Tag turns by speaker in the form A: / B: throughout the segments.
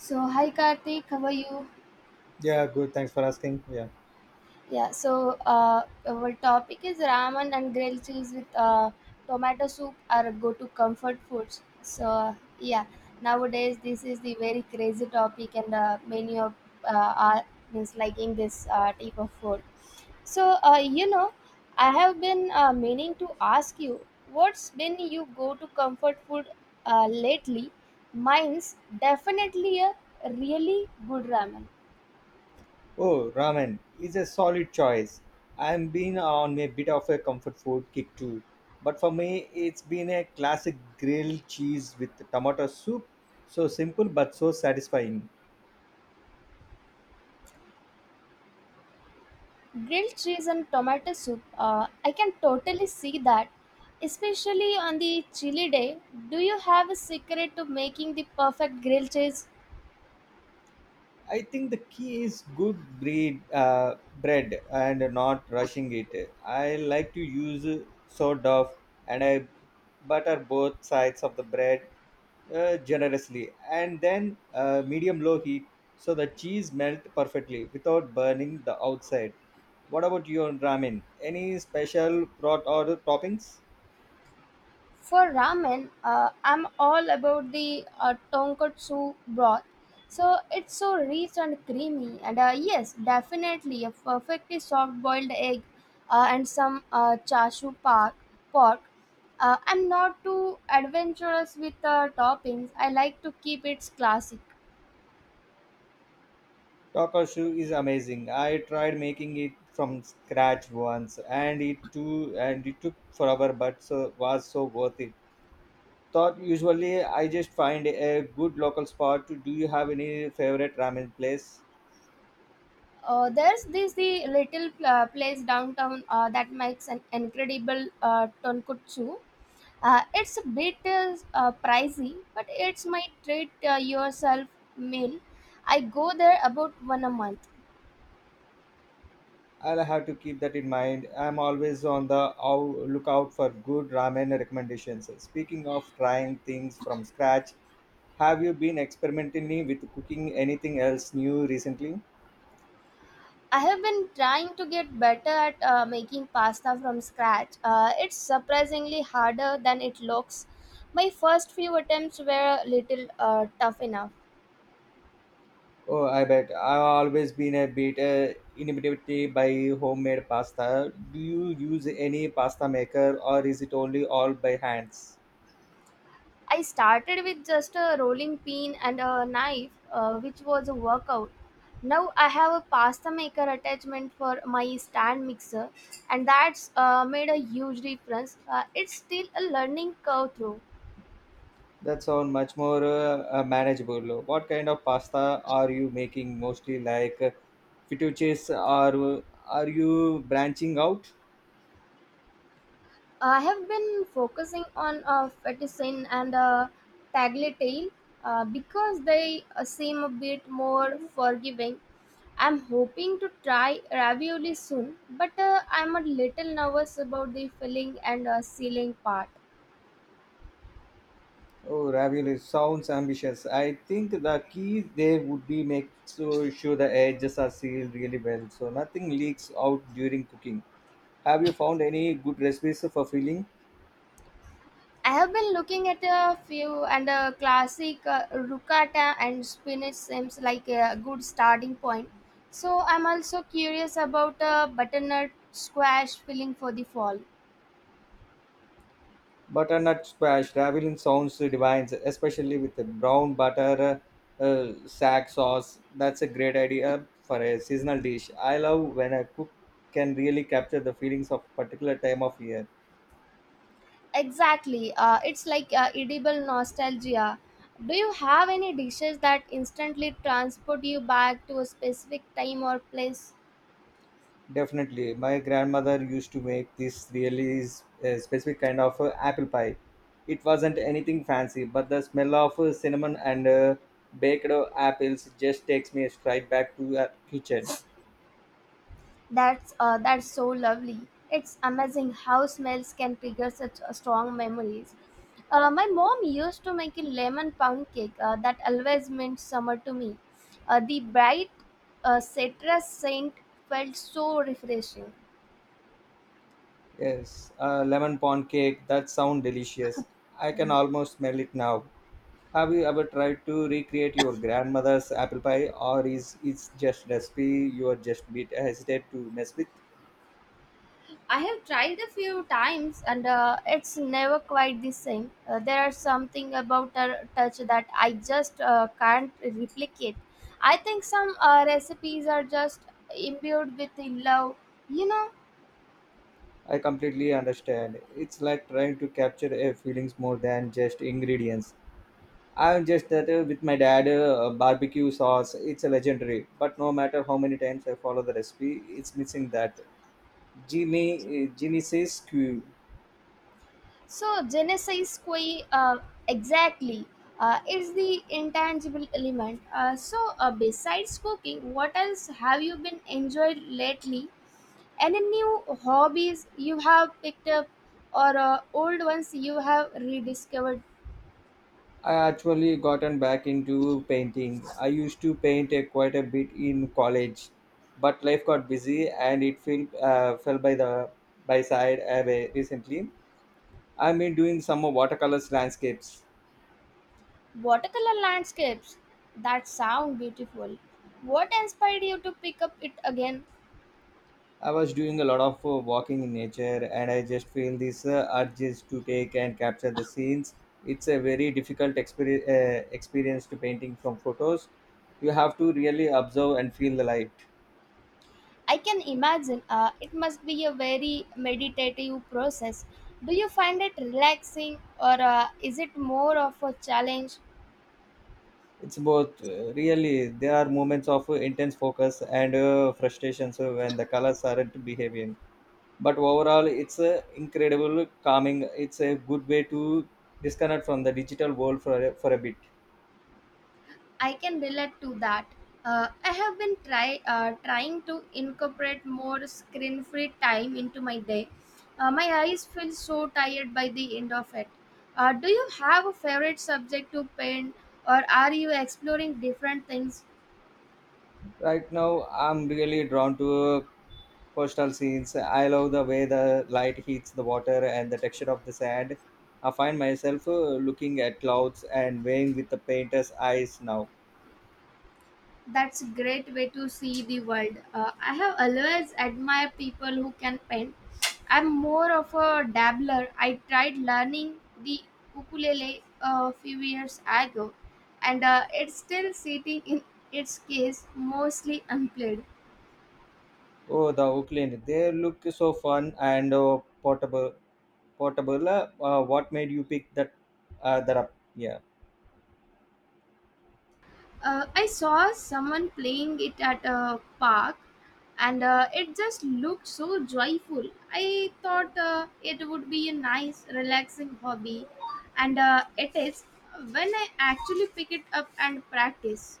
A: So, hi Karthik, how are you?
B: Yeah, good. Thanks for asking. Yeah.
A: Yeah, so our topic is ramen and grilled cheese with tomato soup are go to comfort foods. So, yeah, nowadays this is the very crazy topic, and many of are means liking this type of food. So, I have been meaning to ask you what's been you go to comfort food lately? Mine's definitely a really good ramen.
B: Oh, ramen is a solid choice. I'm been on a bit of a comfort food kick too. But for me, it's been a classic grilled cheese with tomato soup. So simple but so satisfying.
A: Grilled cheese and tomato soup, I can totally see that, especially on the chilly day. Do you have a secret to making the perfect grilled cheese?
B: I think the key is good breed bread and not rushing it. I like to use sort of, and I butter both sides of the bread generously and then medium low heat so the cheese melt perfectly without burning the outside. What about your ramen? Any special broth or toppings?
A: For ramen, I'm all about the tonkatsu broth. So it's so rich and creamy, and yes, definitely a perfectly soft boiled egg, and some chashu park pork. I'm not too adventurous with toppings. I like to keep it classic.
B: Takashu is amazing. I tried making it from scratch once, and it too, and it took forever, but so was so worth it. Thought usually I just find a good local spot. Do you have any favorite ramen place?
A: There's this the little place downtown that makes an incredible tonkotsu. It's a bit pricey, but it's my treat yourself meal. I go there about one a month.
B: I'll have to keep that in mind. I'm always on the lookout for good ramen recommendations. Speaking of trying things from scratch, have you been experimenting with cooking anything else new recently?
A: I have been trying to get better at making pasta from scratch. It's surprisingly harder than it looks. My first few attempts were a little tough enough.
B: Oh, I bet. I've always been a bit intimidated by homemade pasta. Do you use any pasta maker or is it only all by hands?
A: I started with just a rolling pin and a knife, which was a workout. Now I have a pasta maker attachment for my stand mixer, and that's made a huge difference. It's still a learning curve through.
B: That sounds much more manageable. What kind of pasta are you making mostly like fettuccine or are you branching out?
A: I have been focusing on fettuccine and tagliatelle because they seem a bit more forgiving. I'm hoping to try ravioli soon, but I'm a little nervous about the filling and sealing part.
B: Oh, ravioli sounds ambitious. I think the key there would be make so sure the edges are sealed really well so nothing leaks out during cooking. Have you found any good recipes for filling?
A: I have been looking at a few, and a classic ricotta and spinach seems like a good starting point. So I'm also curious about a butternut squash filling for the fall.
B: Butternut squash ravioli sounds divine, especially with the brown butter sack sauce. That's a great idea for a seasonal dish. I love when a cook can really capture the feelings of particular time of year.
A: Exactly, it's like edible nostalgia. Do you have any dishes that instantly transport you back to a specific time or place?
B: Definitely, my grandmother used to make this specific kind of apple pie. It wasn't anything fancy, but the smell of cinnamon and baked apples just takes me straight back to her kitchen.
A: That's so lovely. It's amazing how smells can trigger such strong memories. My mom used to make a lemon pound cake that always meant summer to me. The bright citrus scent felt so refreshing.
B: Yes, lemon pound cake. That sounds delicious. I can almost smell it now. Have you ever tried to recreate your grandmother's apple pie, or is it's just recipe you are just bit hesitate to mess with?
A: I have tried a few times and it's never quite the same. There is something about a touch that I just can't replicate. I think some recipes are just imbued with the love, you know.
B: I completely understand. It's like trying to capture a feelings more than just ingredients. I'm just that with my dad, barbecue sauce. It's a legendary. But no matter how many times I follow the recipe, it's missing that. Jimmy, Jimmy says, "Q."
A: So, Genesis Kui, exactly, is the intangible element. So, besides cooking, what else have you been enjoyed lately? Any new hobbies you have picked up or old ones you have rediscovered?
B: I actually gotten back into painting. I used to paint quite a bit in college, but life got busy and it fell by the by side away recently. I've been doing some watercolors landscapes.
A: Watercolor landscapes, that sound beautiful. What inspired you to pick up it again?
B: I was doing a lot of walking in nature, and I just feel this urge just to take and capture the scenes. It's a very difficult experience to painting from photos. You have to really observe and feel the life.
A: I can imagine it must be a very meditative process. Do you find it relaxing or is it more of a challenge?
B: It's both really. There are moments of intense focus and frustration so when the colors aren't behaving. But overall, it's a incredible calming. It's a good way to disconnect from the digital world for a bit.
A: I can relate to that. I have been trying to incorporate more screen-free time into my day. My eyes feel so tired by the end of it. Do you have a favorite subject to paint, or are you exploring different things?
B: Right now, I'm really drawn to coastal scenes. I love the way the light hits the water and the texture of the sand. I find myself looking at clouds and weighing with the painter's eyes now.
A: That's a great way to see the world. I have always admired people who can paint. I'm more of a dabbler. I tried learning the ukulele a few years ago, and it's still sitting in its case, mostly unplayed.
B: Oh, the Oakland. They look so fun and portable. Portable. What made you pick that? That up? Yeah,
A: I saw someone playing it at a park, and it just looked so joyful. I thought it would be a nice, relaxing hobby, and it is when I actually pick it up and practice.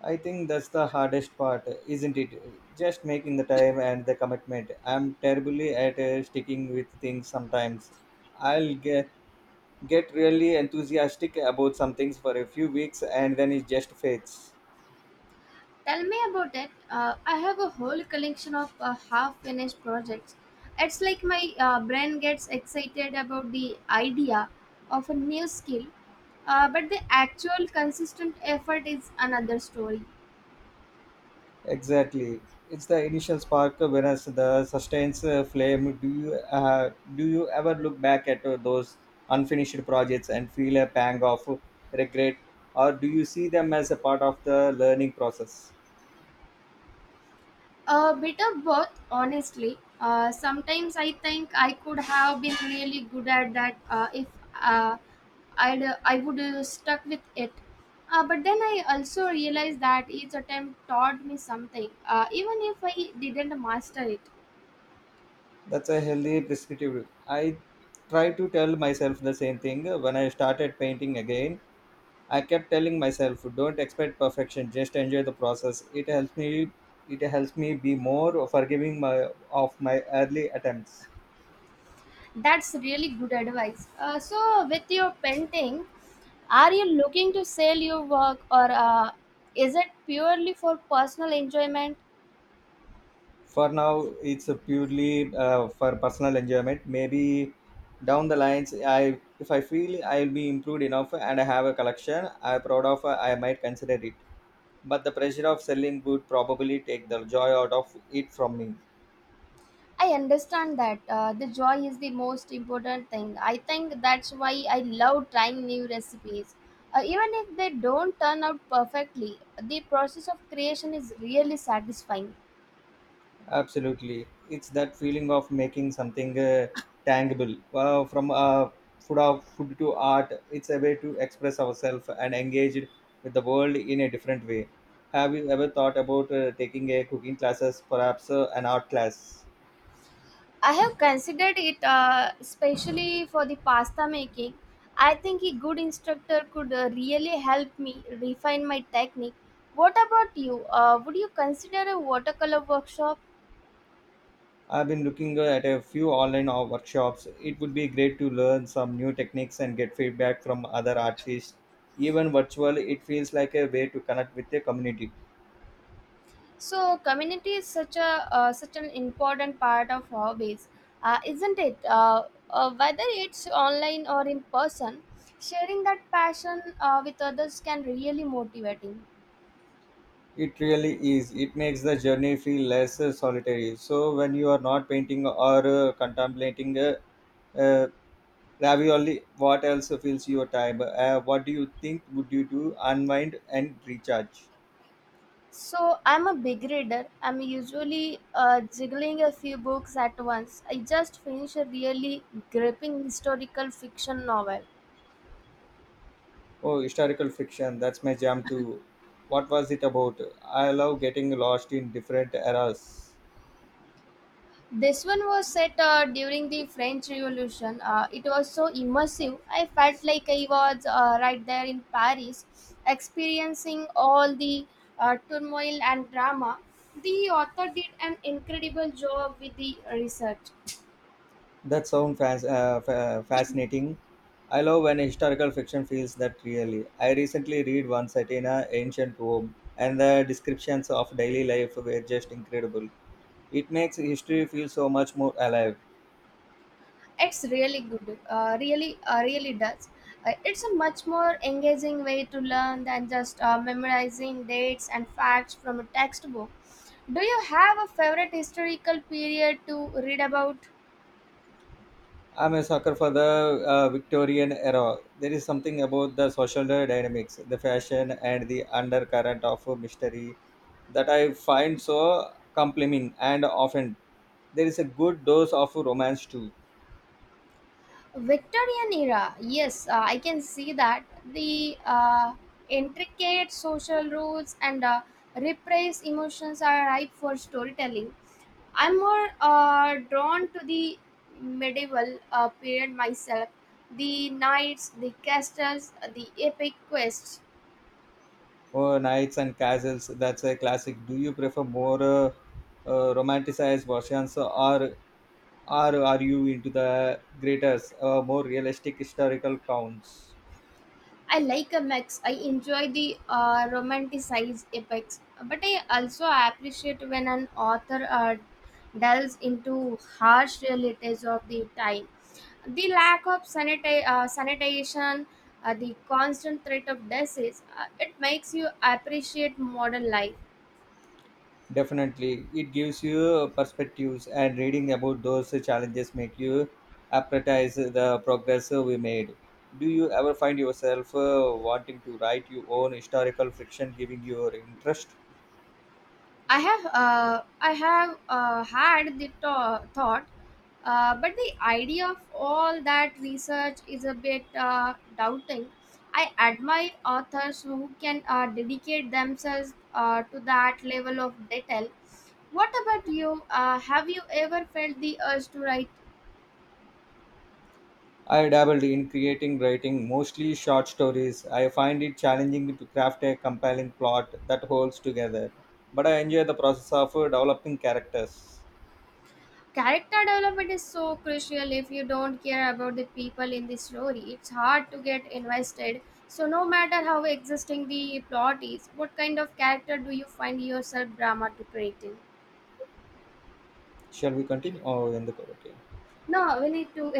B: I think that's the hardest part, isn't it? Just making the time and the commitment. I'm terribly at sticking with things sometimes. I'll get really enthusiastic about some things for a few weeks and then it just fades.
A: Tell me about it. I have a whole collection of half finished projects. It's like my brain gets excited about the idea of a new skill, but the actual consistent effort is another story.
B: Exactly. It's the initial spark whereas the sustains flame. Do you ever look back at those unfinished projects and feel a pang of regret or do you see them as a part of the learning process?
A: A bit of both, honestly. Sometimes I think I could have been really good at that if uh, I would stuck with it. But then I also realized that each attempt taught me something, even if I didn't master it.
B: That's a healthy prescriptive. I try to tell myself the same thing when I started painting again. I kept telling myself, don't expect perfection, just enjoy the process. It helps me be more forgiving of my early attempts.
A: That's really good advice. So, with your painting, are you looking to sell your work, or is it purely for personal enjoyment?
B: For now it's a purely for personal enjoyment maybe down the lines I if I feel I'll be improved enough and I have a collection I'm proud of I might consider it but the pressure of selling would probably take the joy out of it from me.
A: I understand that the joy is the most important thing. I think that's why I love trying new recipes. Even if they don't turn out perfectly, the process of creation is really satisfying.
B: Absolutely. It's that feeling of making something tangible from food to art. It's a way to express ourselves and engage with the world in a different way. Have you ever thought about taking a cooking classes, perhaps an art class?
A: I have considered it, especially for the pasta making. I think a good instructor could really help me refine my technique. What about you? Would you consider a watercolor workshop?
B: I've been looking at a few online workshops. It would be great to learn some new techniques and get feedback from other artists. Even virtual, it feels like a way to connect with the community.
A: So community is such an important part of hobbies, isn't it? Whether it's online or in person, sharing that passion with others can really motivating.
B: It really is. It makes the journey feel less solitary. So when you are not painting or contemplating uh, ravioli, what else fills your time? What do you think would you do? Unwind and recharge.
A: So I'm a big reader. I'm usually jiggling a few books at once. I just finished a really gripping historical fiction novel.
B: Oh, historical fiction. That's my jam too. What was it about? I love getting lost in different eras.
A: This one was set during the French Revolution. It was so immersive. I felt like I was right there in Paris, experiencing all the turmoil and drama. The author did an incredible job with the research.
B: That sounds fascinating. I love when historical fiction feels that really. I recently read one set in a ancient Rome, and the descriptions of daily life were just incredible. It makes history feel so much more alive.
A: It's really good. Really, really does. It's a much more engaging way to learn than just memorizing dates and facts from a textbook. Do you have a favorite historical period to read about?
B: I'm a sucker for the Victorian era. There is something about the social dynamics, the fashion, and the undercurrent of mystery that I find so compelling and often. There is a good dose of romance too.
A: Victorian era, yes, I can see that the intricate social rules and repressed emotions are ripe for storytelling. I'm more drawn to the medieval period myself. The knights, the castles, the epic quests.
B: Oh, knights and castles. That's a classic. Do you prefer more romanticized versions, or are you into the greater, more realistic historical counts?
A: I like a mix. I enjoy the romanticized epics, but I also appreciate when an author delves into harsh realities of the time. The lack of sanitation, the constant threat of disease, it makes you appreciate modern life.
B: Definitely, it gives you perspectives, and reading about those challenges make you appreciate the progress we made. Do you ever find yourself wanting to write your own historical fiction, giving your interest?
A: I have had the thought, but the idea of all that research is a bit doubting. I admire authors who can dedicate themselves to that level of detail. What about you? Have you ever felt the urge to write?
B: I dabbled in creating writing, mostly short stories. I find it challenging to craft a compelling plot that holds together, but I enjoy the process of developing characters.
A: Character development is so crucial. If you don't care about the people in the story, it's hard to get invested. So no matter how existing the plot is, what kind of character do you find yourself drama to creating?
B: Shall we continue? Oh, in the okay.
A: Now we need to